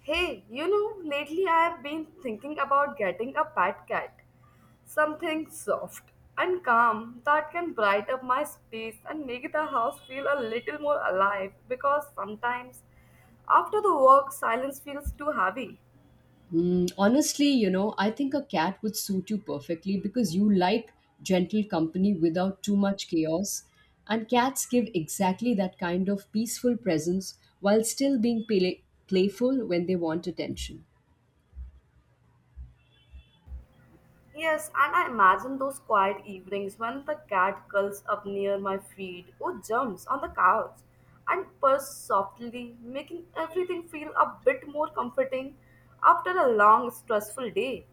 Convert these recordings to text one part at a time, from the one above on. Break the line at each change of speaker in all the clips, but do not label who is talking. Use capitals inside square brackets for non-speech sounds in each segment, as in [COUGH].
Hey, you know, lately I have been thinking about getting a pet cat. Something soft and calm that can brighten up my space and make the house feel a little more alive because sometimes after the work, silence feels too heavy.
Honestly, I think a cat would suit you perfectly because you like gentle company without too much chaos. And cats give exactly that kind of peaceful presence while still being playful when they want attention.
Yes, and I imagine those quiet evenings when the cat curls up near my feet or jumps on the couch and purrs softly, making everything feel a bit more comforting after a long, stressful day.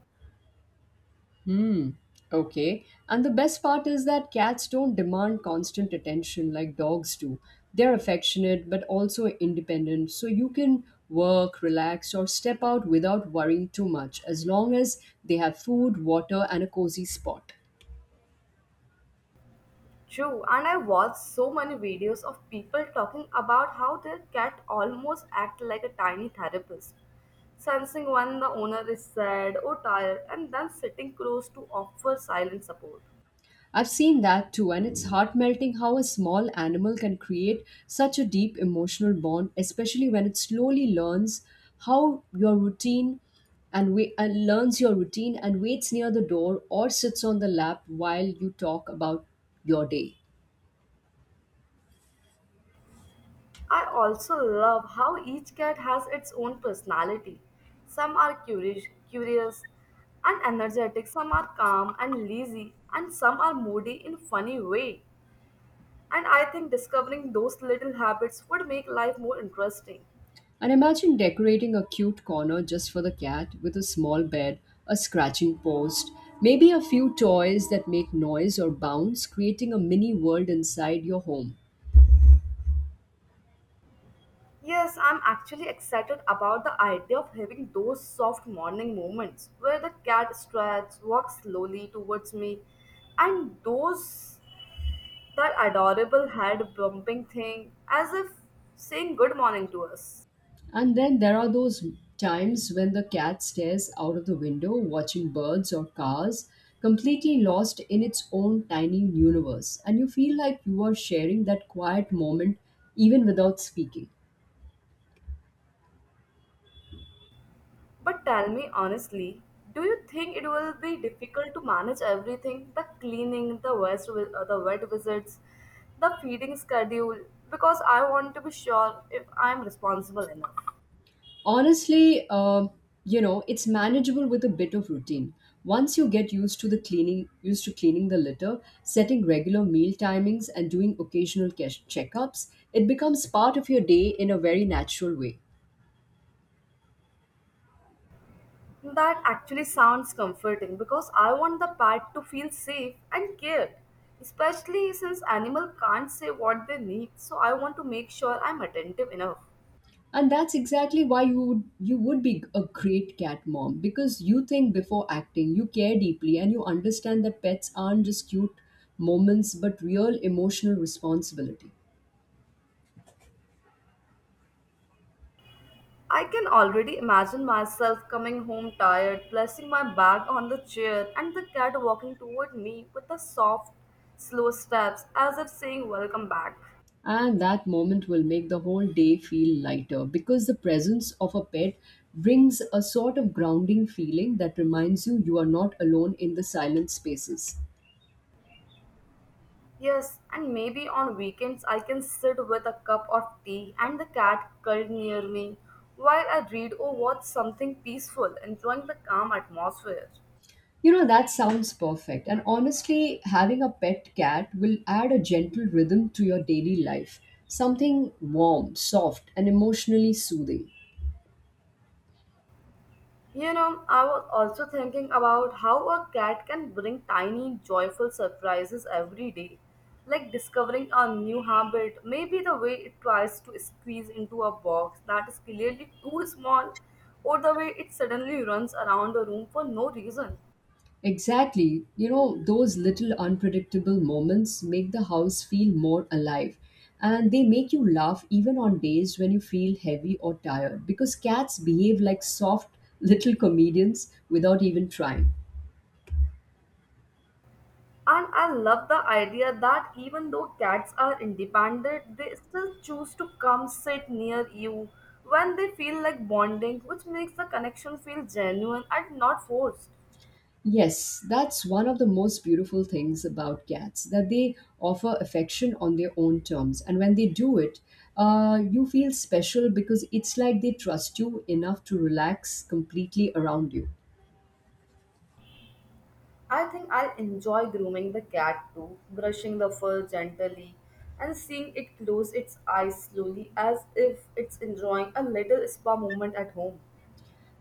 Hmm. Okay. And the best part is that cats don't demand constant attention like dogs do. They're affectionate but also independent, so you can work, relax, or step out without worrying too much as long as they have food, water, and a cozy spot.
True, and I watched so many videos of people talking about how their cat almost act like a tiny therapist, sensing when the owner is sad or tired and then sitting close to offer silent support.
I've seen that too, and it's heart melting how a small animal can create such a deep emotional bond, especially when it slowly learns how your routine and, wa- and learns your routine and waits near the door or sits on the lap while you talk about your day.
I also love how each cat has its own personality. Some are curious and energetic, some are calm and lazy, and some are moody in funny way. And I think discovering those little habits would make life more interesting.
And imagine decorating a cute corner just for the cat with a small bed, a scratching post, maybe a few toys that make noise or bounce, creating a mini world inside your home.
Yes, I'm actually excited about the idea of having those soft morning moments where the cat stretches, walks slowly towards me, and those that adorable head bumping thing as if saying good morning to us.
And then there are those times when the cat stares out of the window watching birds or cars, completely lost in its own tiny universe, and you feel like you are sharing that quiet moment even without speaking.
But tell me honestly, do you think it will be difficult to manage everything? The cleaning, the vet visits, the feeding schedule, because I want to be sure if I'm responsible enough.
Honestly, it's manageable with a bit of routine. Once you get used to cleaning the litter, setting regular meal timings, and doing occasional checkups, it becomes part of your day in a very natural way.
That actually sounds comforting because I want the pet to feel safe and cared, especially since animal can't say what they need, so I want to make sure I'm attentive enough.
And that's exactly why you would be a great cat mom because you think before acting, you care deeply, and you understand that pets aren't just cute moments but real emotional responsibility.
I can already imagine myself coming home tired, placing my bag on the chair, and the cat walking toward me with the soft, slow steps as if saying welcome back.
And that moment will make the whole day feel lighter because the presence of a pet brings a sort of grounding feeling that reminds you you are not alone in the silent spaces.
Yes, and maybe on weekends I can sit with a cup of tea and the cat curled near me while I read or watch something peaceful, enjoying the calm atmosphere.
You know, that sounds perfect. And honestly, having a pet cat will add a gentle rhythm to your daily life. Something warm, soft, and emotionally soothing.
You know, I was also thinking about how a cat can bring tiny, joyful surprises every day, like discovering a new habit, maybe the way it tries to squeeze into a box that is clearly too small, or the way it suddenly runs around the room for no reason.
Exactly. You know, those little unpredictable moments make the house feel more alive. And they make you laugh even on days when you feel heavy or tired because cats behave like soft little comedians without even trying.
And I love the idea that even though cats are independent, they still choose to come sit near you when they feel like bonding, which makes the connection feel genuine and not forced.
Yes, that's one of the most beautiful things about cats, that they offer affection on their own terms. And when they do it, you feel special because it's like they trust you enough to relax completely around you.
I think I enjoy grooming the cat too, brushing the fur gently and seeing it close its eyes slowly as if it's enjoying a little spa moment at home.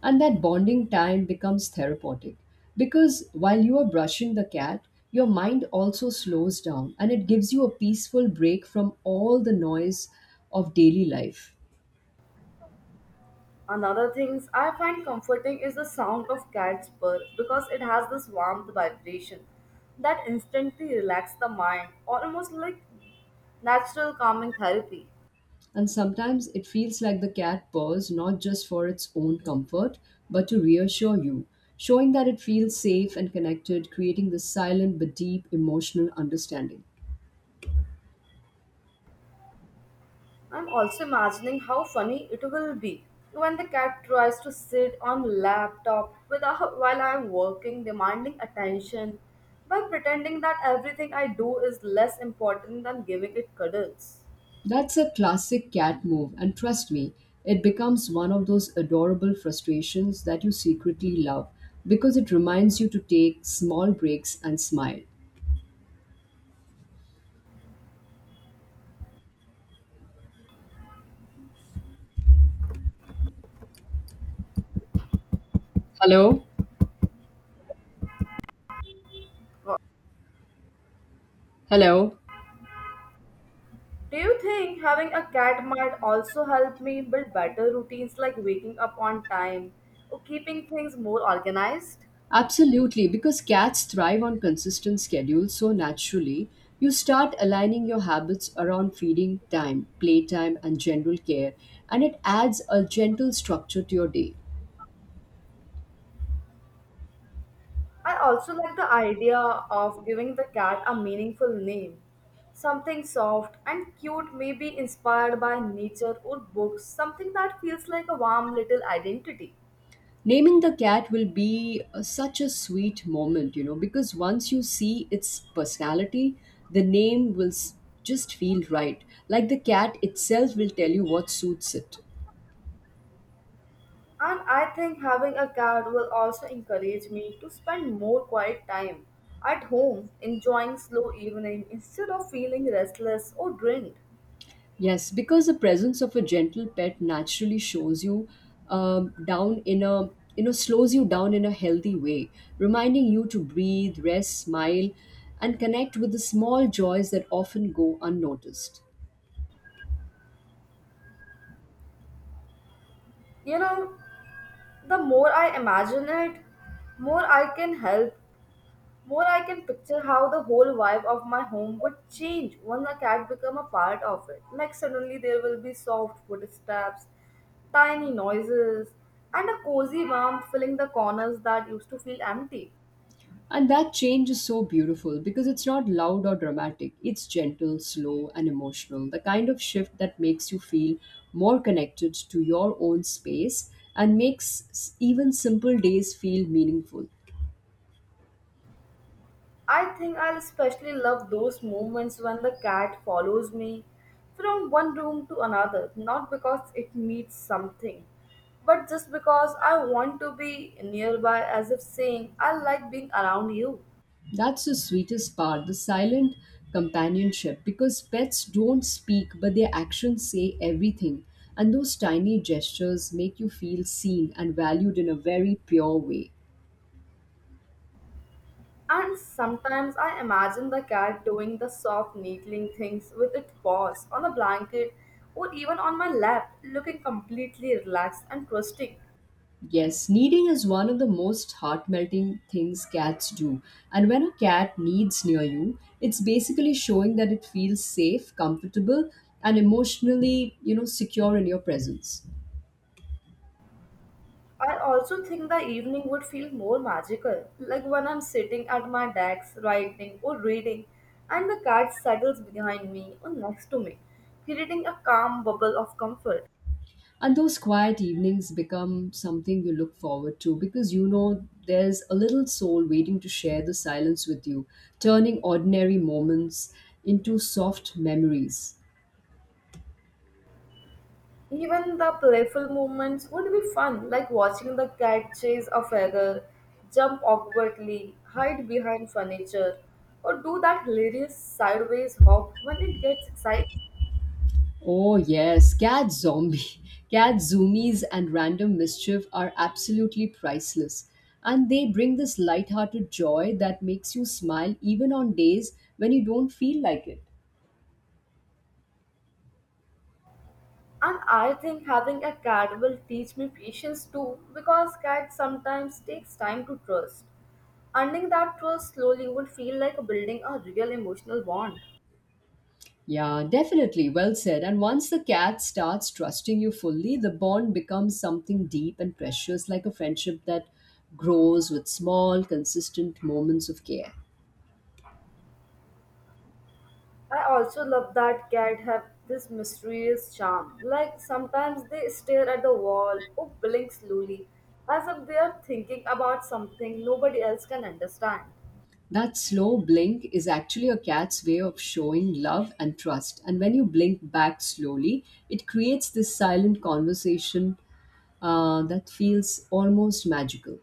And that bonding time becomes therapeutic because while you are brushing the cat, your mind also slows down and it gives you a peaceful break from all the noise of daily life.
Another things I find comforting is the sound of cat's purr because it has this warm vibration that instantly relaxes the mind, almost like natural calming therapy.
And sometimes it feels like the cat purrs not just for its own comfort, but to reassure you, showing that it feels safe and connected, creating this silent but deep emotional understanding.
I'm also imagining how funny it will be when the cat tries to sit on laptop without while I'm working, demanding attention by pretending that everything I do is less important than giving it cuddles.
That's a classic cat move, and trust me, it becomes one of those adorable frustrations that you secretly love because it reminds you to take small breaks and smile. Hello? Hello?
Do you think having a cat might also help me build better routines like waking up on time or keeping things more organized?
Absolutely, because cats thrive on consistent schedules, so naturally you start aligning your habits around feeding time, playtime, and general care, and it adds a gentle structure to your day.
I also like the idea of giving the cat a meaningful name. Something soft and cute may be inspired by nature or books, something that feels like a warm little identity.
Naming the cat will be such a sweet moment, you know, because once you see its personality, the name will s- just feel right. Like the cat itself will tell you what suits it.
And I think having a cat will also encourage me to spend more quiet time at home, enjoying slow evening instead of feeling restless or drained.
Yes, because the presence of a gentle pet naturally shows you down in a you know slows you down in a healthy way, reminding you to breathe, rest, smile, and connect with the small joys that often go unnoticed.
You know, the more I imagine it, more I can help, more I can picture how the whole vibe of my home would change when a cat become a part of it. Like suddenly there will be soft footsteps, tiny noises, and a cozy warmth filling the corners that used to feel empty.
And that change is so beautiful because it's not loud or dramatic. It's gentle, slow, and emotional. The kind of shift that makes you feel more connected to your own space and even simple days feel meaningful.
I think I'll especially love those moments when the cat follows me from one room to another, not because it needs something, but just because I want to be nearby as if saying, I like being around you.
That's the sweetest part, the silent companionship, because pets don't speak, but their actions say everything. And those tiny gestures make you feel seen and valued in a very pure way.
And sometimes I imagine the cat doing the soft needling things with its paws on a blanket or even on my lap, looking completely relaxed and trusting.
Yes, kneading is one of the most heart melting things cats do. And when a cat kneads near you, it's basically showing that it feels safe, comfortable, and emotionally, you know, secure in your presence.
I also think the evening would feel more magical, like when I'm sitting at my desk writing or reading, and the cat settles behind me or next to me, creating a calm bubble of comfort.
And those quiet evenings become something you look forward to because you know there's a little soul waiting to share the silence with you, turning ordinary moments into soft memories.
Even the playful moments would be fun, like watching the cat chase a feather, jump awkwardly, hide behind furniture, or do that hilarious sideways hop when it gets excited.
Oh, yes, cat zombie. [LAUGHS] Cat zoomies and random mischief are absolutely priceless. And they bring this lighthearted joy that makes you smile even on days when you don't feel like it.
And I think having a cat will teach me patience too because cats sometimes takes time to trust. Earning that trust slowly would feel like building a real emotional bond.
Yeah, definitely. Well said. And once the cat starts trusting you fully, the bond becomes something deep and precious, like a friendship that grows with small, consistent moments of care.
I also love that cats have this mysterious charm. Like sometimes they stare at the wall or blink slowly as if they are thinking about something nobody else can understand.
That slow blink is actually a cat's way of showing love and trust. And when you blink back slowly, it creates this silent conversation that feels almost magical.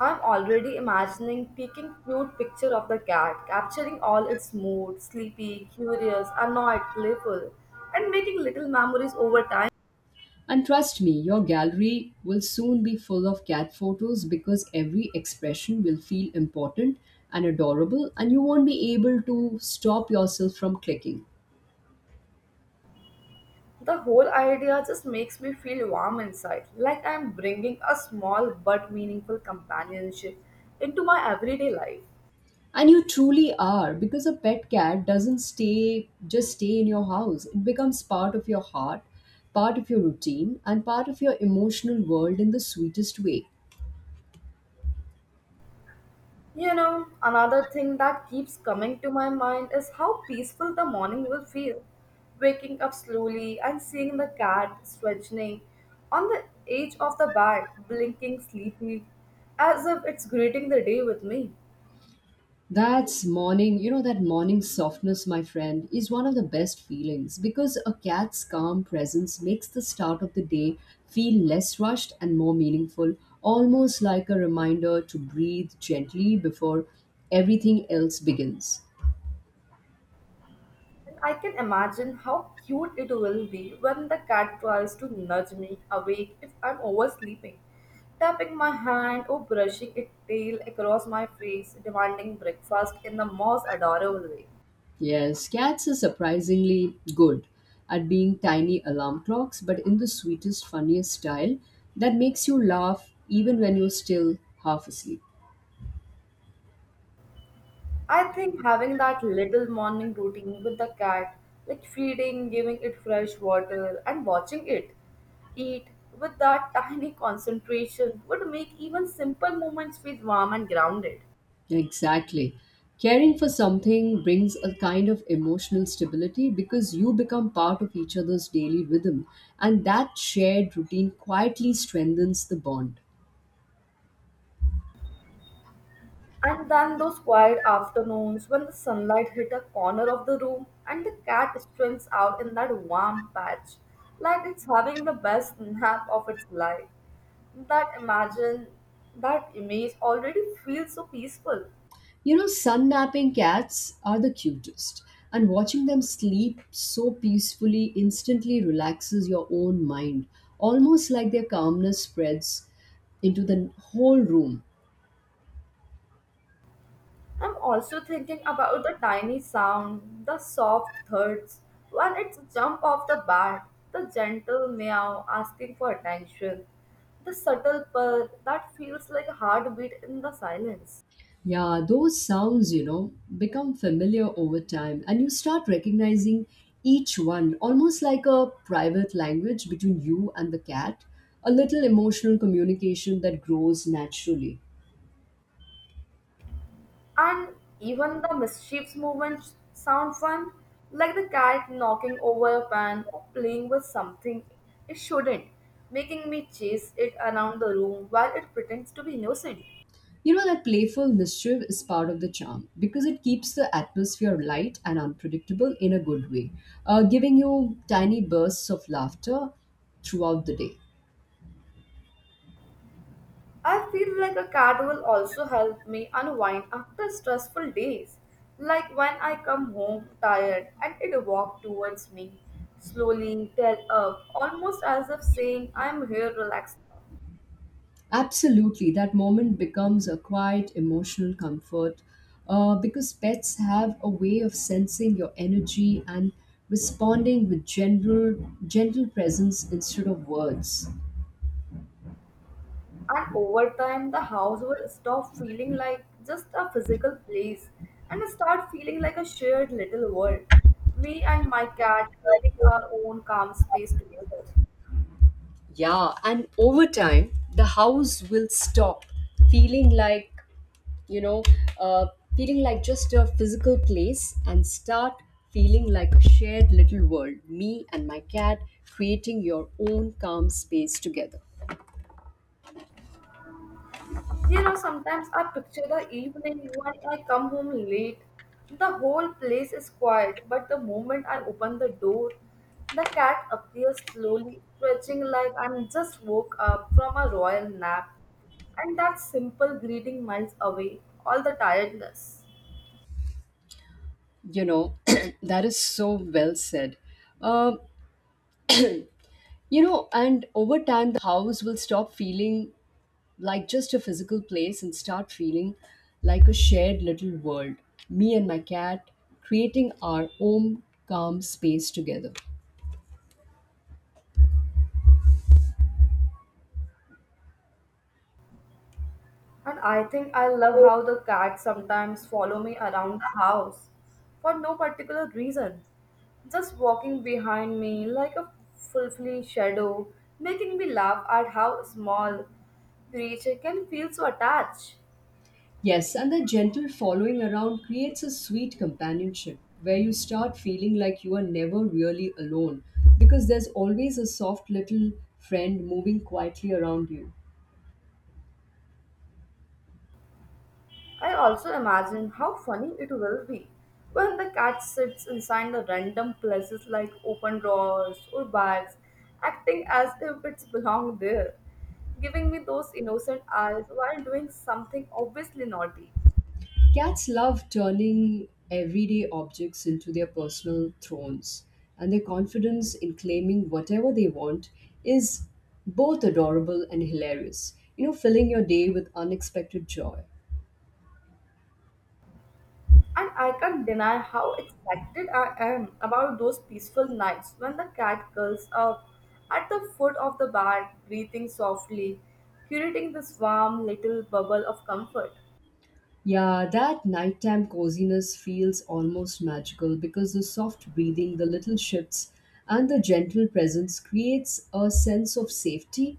I'm already imagining taking cute picture of the cat, capturing all its mood, sleepy, curious, annoyed, playful, and making little memories over time.
And trust me, your gallery will soon be full of cat photos because every expression will feel important and adorable, and you won't be able to stop yourself from clicking.
The whole idea just makes me feel warm inside, like I'm bringing a small but meaningful companionship into my everyday life.
And you truly are, because a pet cat doesn't stay in your house. It becomes part of your heart, part of your routine, and part of your emotional world in the sweetest way.
You know, another thing that keeps coming to my mind is how peaceful the morning will feel. Waking up slowly and seeing the cat stretching on the edge of the bed, blinking sleepily, as if it's greeting the day with me.
That morning softness, my friend, is one of the best feelings because a cat's calm presence makes the start of the day feel less rushed and more meaningful, almost like a reminder to breathe gently before everything else begins.
And I can imagine how cute it will be when the cat tries to nudge me awake if I'm oversleeping, tapping my hand or brushing its tail across my face, demanding breakfast in the most adorable way.
Yes, cats are surprisingly good at being tiny alarm clocks, but in the sweetest, funniest style that makes you laugh even when you're still half asleep.
I think having that little morning routine with the cat, like feeding, giving it fresh water, and watching it eat with that [LAUGHS] tiny concentration would make even simple moments feel warm and grounded.
Exactly. Caring for something brings a kind of emotional stability because you become part of each other's daily rhythm, and that shared routine quietly strengthens the bond.
And then those quiet afternoons when the sunlight hit a corner of the room and the cat strains out in that warm patch, like it's having the best [LAUGHS] nap of its life. That imagine, that image already feels so peaceful.
You know, sun napping cats are the cutest, and watching them sleep so peacefully instantly relaxes your own mind, almost like their calmness spreads into the whole room.
I'm also thinking about the tiny sound, the soft thuds when it's jump off the bat, the gentle meow asking for attention, the subtle purr that feels like a heartbeat in the silence.
Yeah, those sounds, you know, become familiar over time, and you start recognizing each one almost like a private language between you and the cat, a little emotional communication that grows naturally.
And even the mischiefs movements sound fun, like the cat knocking over a pan or playing with something it shouldn't, making me chase it around the room while it pretends to be innocent.
You know, that playful mischief is part of the charm because it keeps the atmosphere light and unpredictable in a good way, giving you tiny bursts of laughter throughout the day.
I feel like a cat will also help me unwind after stressful days. Like when I come home tired and it walks towards me, slowly, tail up, almost as if saying, "I'm here, relax now."
Absolutely, that moment becomes a quiet emotional comfort because pets have a way of sensing your energy and responding with gentle presence instead of words.
And over time, the house will stop feeling like just a physical place and start feeling like a shared little world. Me and my cat creating our own calm space together.
Yeah, and over time, the house will stop feeling like, you know, uh, feeling like just a physical place and start feeling like a shared little world. Me and my cat creating your own calm space together.
You know, sometimes I picture the evening when I come home late. The whole place is quiet, but the moment I open the door, the cat appears slowly, stretching like I'm just woke up from a royal nap. And that simple greeting melts away all the tiredness.
You know, [CLEARS THROAT] that is so well said. Um, you know, and over time, the house will stop feeling like just a physical place and start feeling like a shared little world. Me and my cat creating our own calm space together.
And I think I love how the cats sometimes follow me around the house for no particular reason, just walking behind me like a fulfilling shadow, making me laugh at how small creature can feel so attached.
Yes, and the gentle following around creates a sweet companionship where you start feeling like you are never really alone because there's always a soft little friend moving quietly around you.
I also imagine how funny it will be when the cat sits inside the random places like open drawers or bags, acting as if it's belonged there, giving me those innocent eyes while doing something obviously naughty.
Cats love turning everyday objects into their personal thrones, and their confidence in claiming whatever they want is both adorable and hilarious, you know, filling your day with unexpected joy.
And I can't deny how excited I am about those peaceful nights when the cat curls up at the foot of the bed, breathing softly, creating this warm little bubble of comfort.
Yeah, that nighttime coziness feels almost magical because the soft breathing, the little shifts, and the gentle presence creates a sense of safety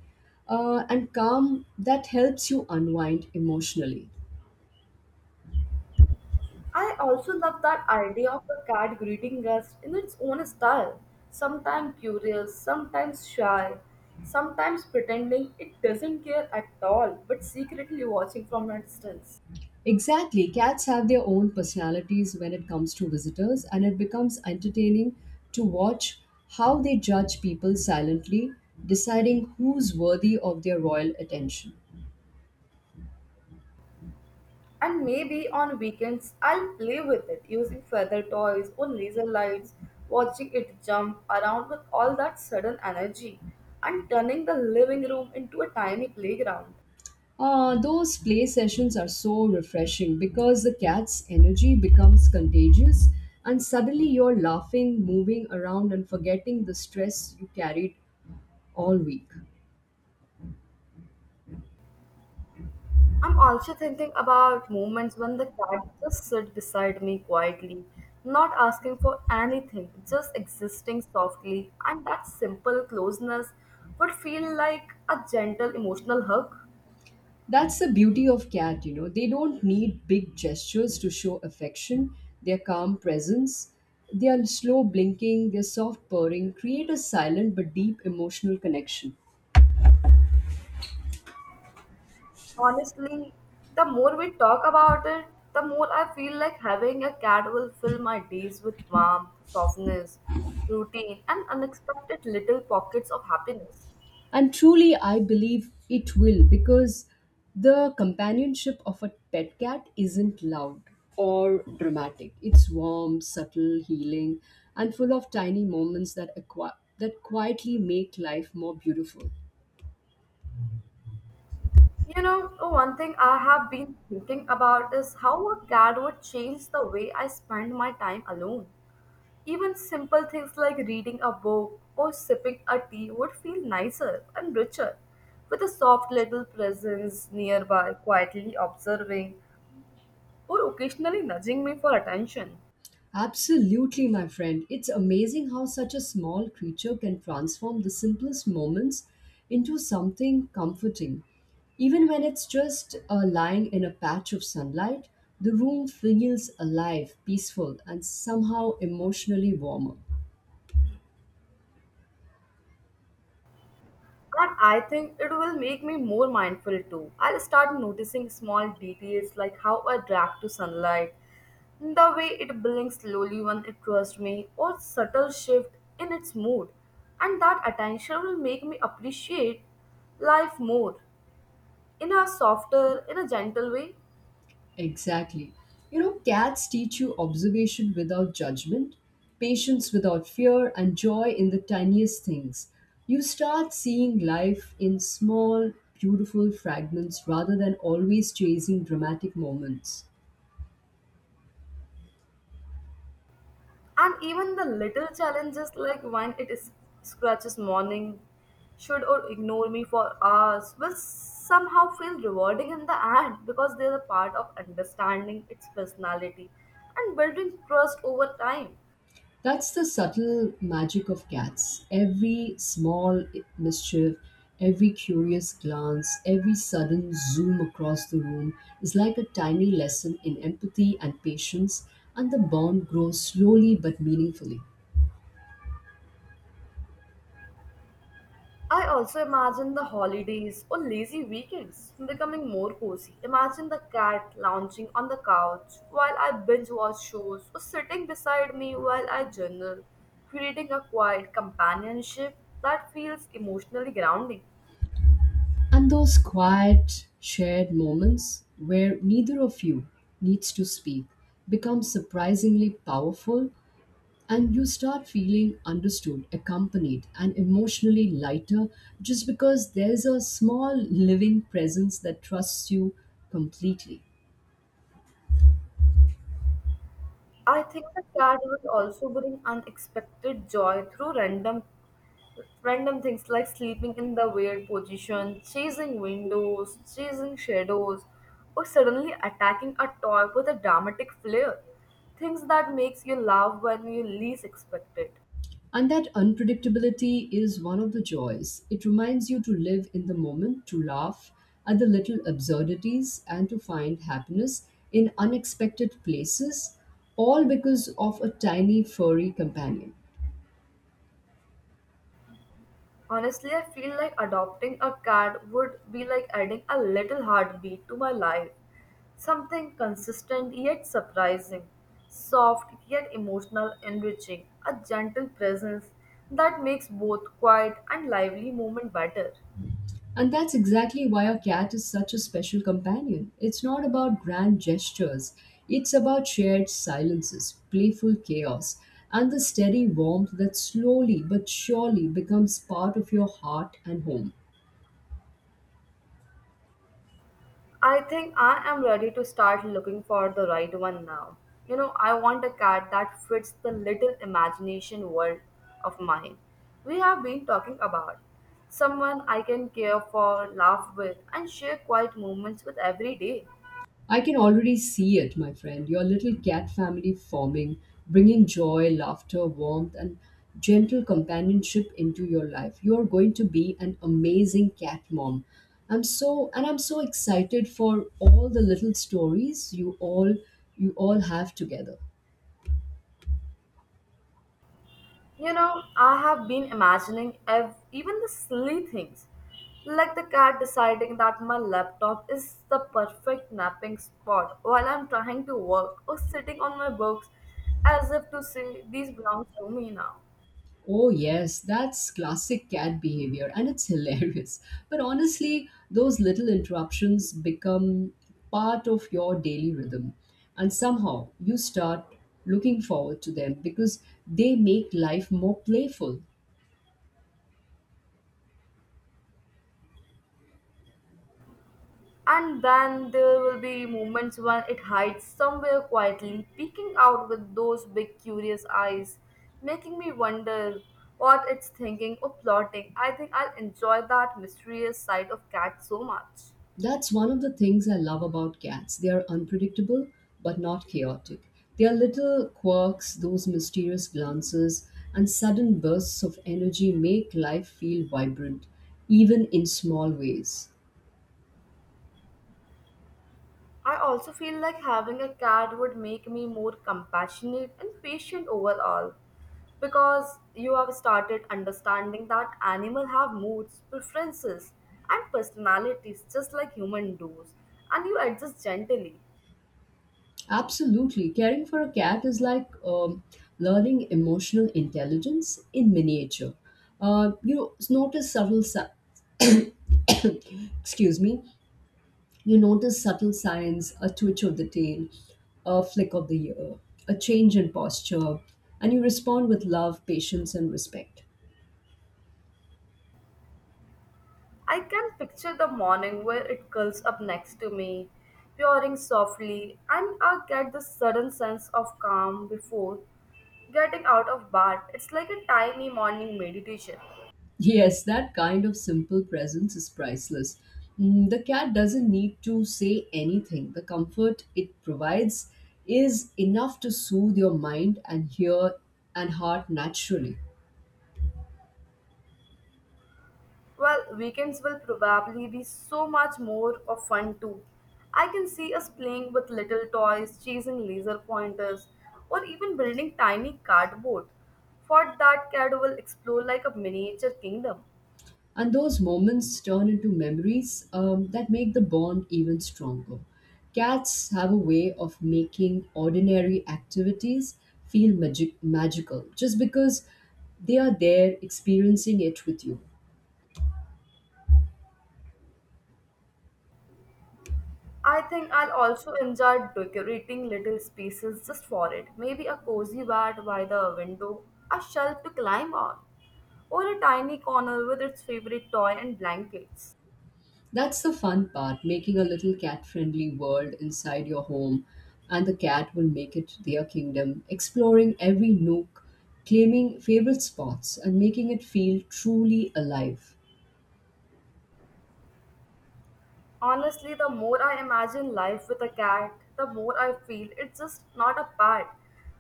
and calm that helps you unwind emotionally.
I also love that idea of the cat greeting us in its own style. Sometimes curious, sometimes shy, sometimes pretending it doesn't care at all, but secretly watching from a distance.
Exactly. Cats have their own personalities when it comes to visitors, and it becomes entertaining to watch how they judge people silently, deciding who's worthy of their royal attention.
And maybe on weekends, I'll play with it using feather toys or laser lights, watching it jump around with all that sudden energy, and turning the living room into a tiny playground.
Those play sessions are so refreshing because the cat's energy becomes contagious, and suddenly you're laughing, moving around, and forgetting the stress you carried all week.
I'm also thinking about moments when the cat just sits beside me quietly, not asking for anything, just existing softly, and that simple closeness would feel like a gentle emotional hug.
That's the beauty of cat, you know. They don't need big gestures to show affection. Their calm presence, their slow blinking, their soft purring create a silent but deep emotional connection.
Honestly, the more we talk about it, the more I feel like having a cat will fill my days with warmth, softness, routine, and unexpected little pockets of happiness.
And truly, I believe it will, because the companionship of a pet cat isn't loud or dramatic. It's warm, subtle, healing, and full of tiny moments that quietly make life more beautiful.
You know, one thing I have been thinking about is how a cat would change the way I spend my time alone. Even simple things like reading a book or sipping a tea would feel nicer and richer with a soft little presence nearby, quietly observing or occasionally nudging me for attention.
Absolutely, my friend. It's amazing how such a small creature can transform the simplest moments into something comforting. Even when it's just lying in a patch of sunlight, the room feels alive, peaceful, and somehow emotionally warmer.
And I think it will make me more mindful too. I'll start noticing small details like how I react to sunlight, the way it blinks slowly when it trusts me, or subtle shift in its mood. And that attention will make me appreciate life more in a softer, in a gentle way.
Exactly. You know, cats teach you observation without judgment, patience without fear, and joy in the tiniest things. You start seeing life in small, beautiful fragments rather than always chasing dramatic moments.
And even the little challenges like when it is scratches morning, should or ignore me for hours will somehow feel rewarding in the end because they are a part of understanding its personality and building trust over time.
That's the subtle magic of cats. Every small mischief, every curious glance, every sudden zoom across the room is like a tiny lesson in empathy and patience, and the bond grows slowly but meaningfully.
I also imagine the holidays or lazy weekends becoming more cozy. Imagine the cat lounging on the couch while I binge watch shows or sitting beside me while I journal, creating a quiet companionship that feels emotionally grounding.
And those quiet, shared moments where neither of you needs to speak become surprisingly powerful and you start feeling understood, accompanied, and emotionally lighter just because there's a small living presence that trusts you completely.
I think the cat would also bring unexpected joy through random things like sleeping in the weird position, chasing windows, chasing shadows, or suddenly attacking a toy with a dramatic flair. Things that makes you laugh when you least expect it.
And that unpredictability is one of the joys. It reminds you to live in the moment, to laugh at the little absurdities, and to find happiness in unexpected places, all because of a tiny furry companion.
Honestly, I feel like adopting a cat would be like adding a little heartbeat to my life. Something consistent yet surprising, soft yet emotional, enriching, a gentle presence that makes both quiet and lively moment better.
And that's exactly why a cat is such a special companion. It's not about grand gestures, it's about shared silences, playful chaos, and the steady warmth that slowly but surely becomes part of your heart and home.
I think I am ready to start looking for the right one now. You know, I want a cat that fits the little imagination world of mine we have been talking about. Someone I can care for, laugh with, and share quiet moments with every day.
I can already see it, my friend. Your little cat family forming, bringing joy, laughter, warmth, and gentle companionship into your life. You are going to be an amazing cat mom. I'm so excited for all the little stories you all have together.
You know, I have been imagining even the silly things, like the cat deciding that my laptop is the perfect napping spot while I'm trying to work or sitting on my books as if to say these belongs to me now.
Oh, yes, that's classic cat behavior and it's [LAUGHS] hilarious. But honestly, those little interruptions become part of your daily rhythm. And somehow you start looking forward to them because they make life more playful.
And then there will be moments when it hides somewhere quietly, peeking out with those big curious eyes, making me wonder what it's thinking or plotting. I think I'll enjoy that mysterious side of cat so much.
That's one of the things I love about cats. They are unpredictable but not chaotic. Their little quirks, those mysterious glances, and sudden bursts of energy make life feel vibrant, even in small ways.
I also feel like having a cat would make me more compassionate and patient overall because you have started understanding that animals have moods, preferences, and personalities just like human does, and you adjust gently.
Absolutely. Caring for a cat is like learning emotional intelligence in miniature. You know, notice [COUGHS] excuse me, you notice subtle signs, a twitch of the tail, a flick of the ear, a change in posture, and you respond with love, patience, and respect.
I can picture the morning where it curls up next to me, purring softly, and I get this sudden sense of calm before getting out of bed. It's like a tiny morning meditation.
Yes, that kind of simple presence is priceless. Mm, the cat doesn't need to say anything. The comfort it provides is enough to soothe your mind and heart naturally.
Well, weekends will probably be so much more of fun too. I can see us playing with little toys, chasing laser pointers, or even building tiny cardboard. Fort that CAD will explore like a miniature kingdom.
And those moments turn into memories that make the bond even stronger. Cats have a way of making ordinary activities feel magical just because they are there experiencing it with you.
I think I'll also enjoy decorating little spaces just for it. Maybe a cozy bed by the window, a shelf to climb on, or a tiny corner with its favorite toy and blankets.
That's the fun part, making a little cat friendly world inside your home, and the cat will make it their kingdom, exploring every nook, claiming favorite spots, and making it feel truly alive.
Honestly, the more I imagine life with a cat, the more I feel it's just not a pet,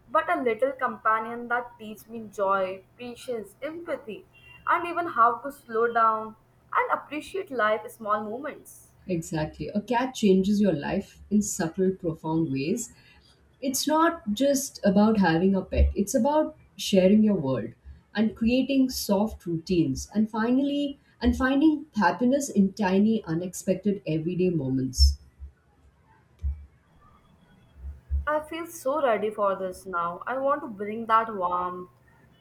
but a little companion that teaches me joy, patience, empathy, and even how to slow down and appreciate life's small moments.
Exactly. A cat changes your life in subtle, profound ways. It's not just about having a pet, it's about sharing your world and creating soft routines and finally and finding happiness in tiny unexpected everyday moments.
I feel so ready for this now. I want to bring that warmth,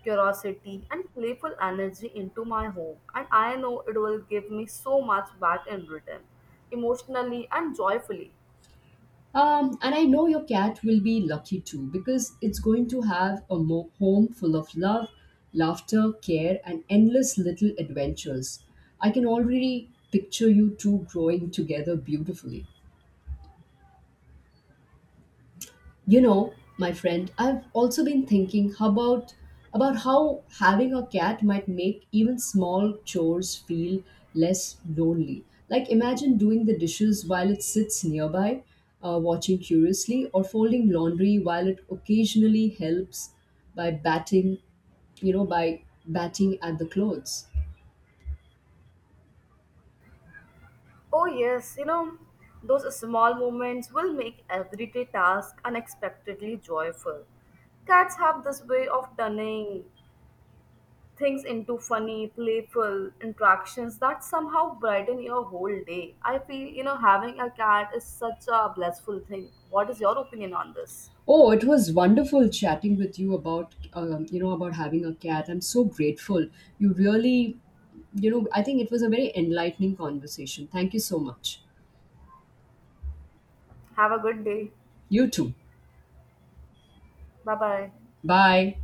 curiosity, and playful energy into my home, and I know it will give me so much back in return, emotionally and joyfully.
And I know your cat will be lucky too because it's going to have a home full of love, laughter, care, and endless little adventures. I can already picture you two growing together beautifully. You know, my friend, I've also been thinking about how having a cat might make even small chores feel less lonely. Like imagine doing the dishes while it sits nearby, watching curiously, or folding laundry while it occasionally helps by batting, you know, by batting at the clothes.
Oh, yes, you know, those small moments will make everyday task unexpectedly joyful. Cats have this way of turning things into funny, playful interactions that somehow brighten your whole day. I feel, you know, having a cat is such a blissful thing. What is your opinion on this?
Oh, it was wonderful chatting with you about you know about having a cat. I'm so grateful. You really, you know, I think it was a very enlightening conversation. Thank you so much.
Have a good day.
You too.
Bye bye.
Bye.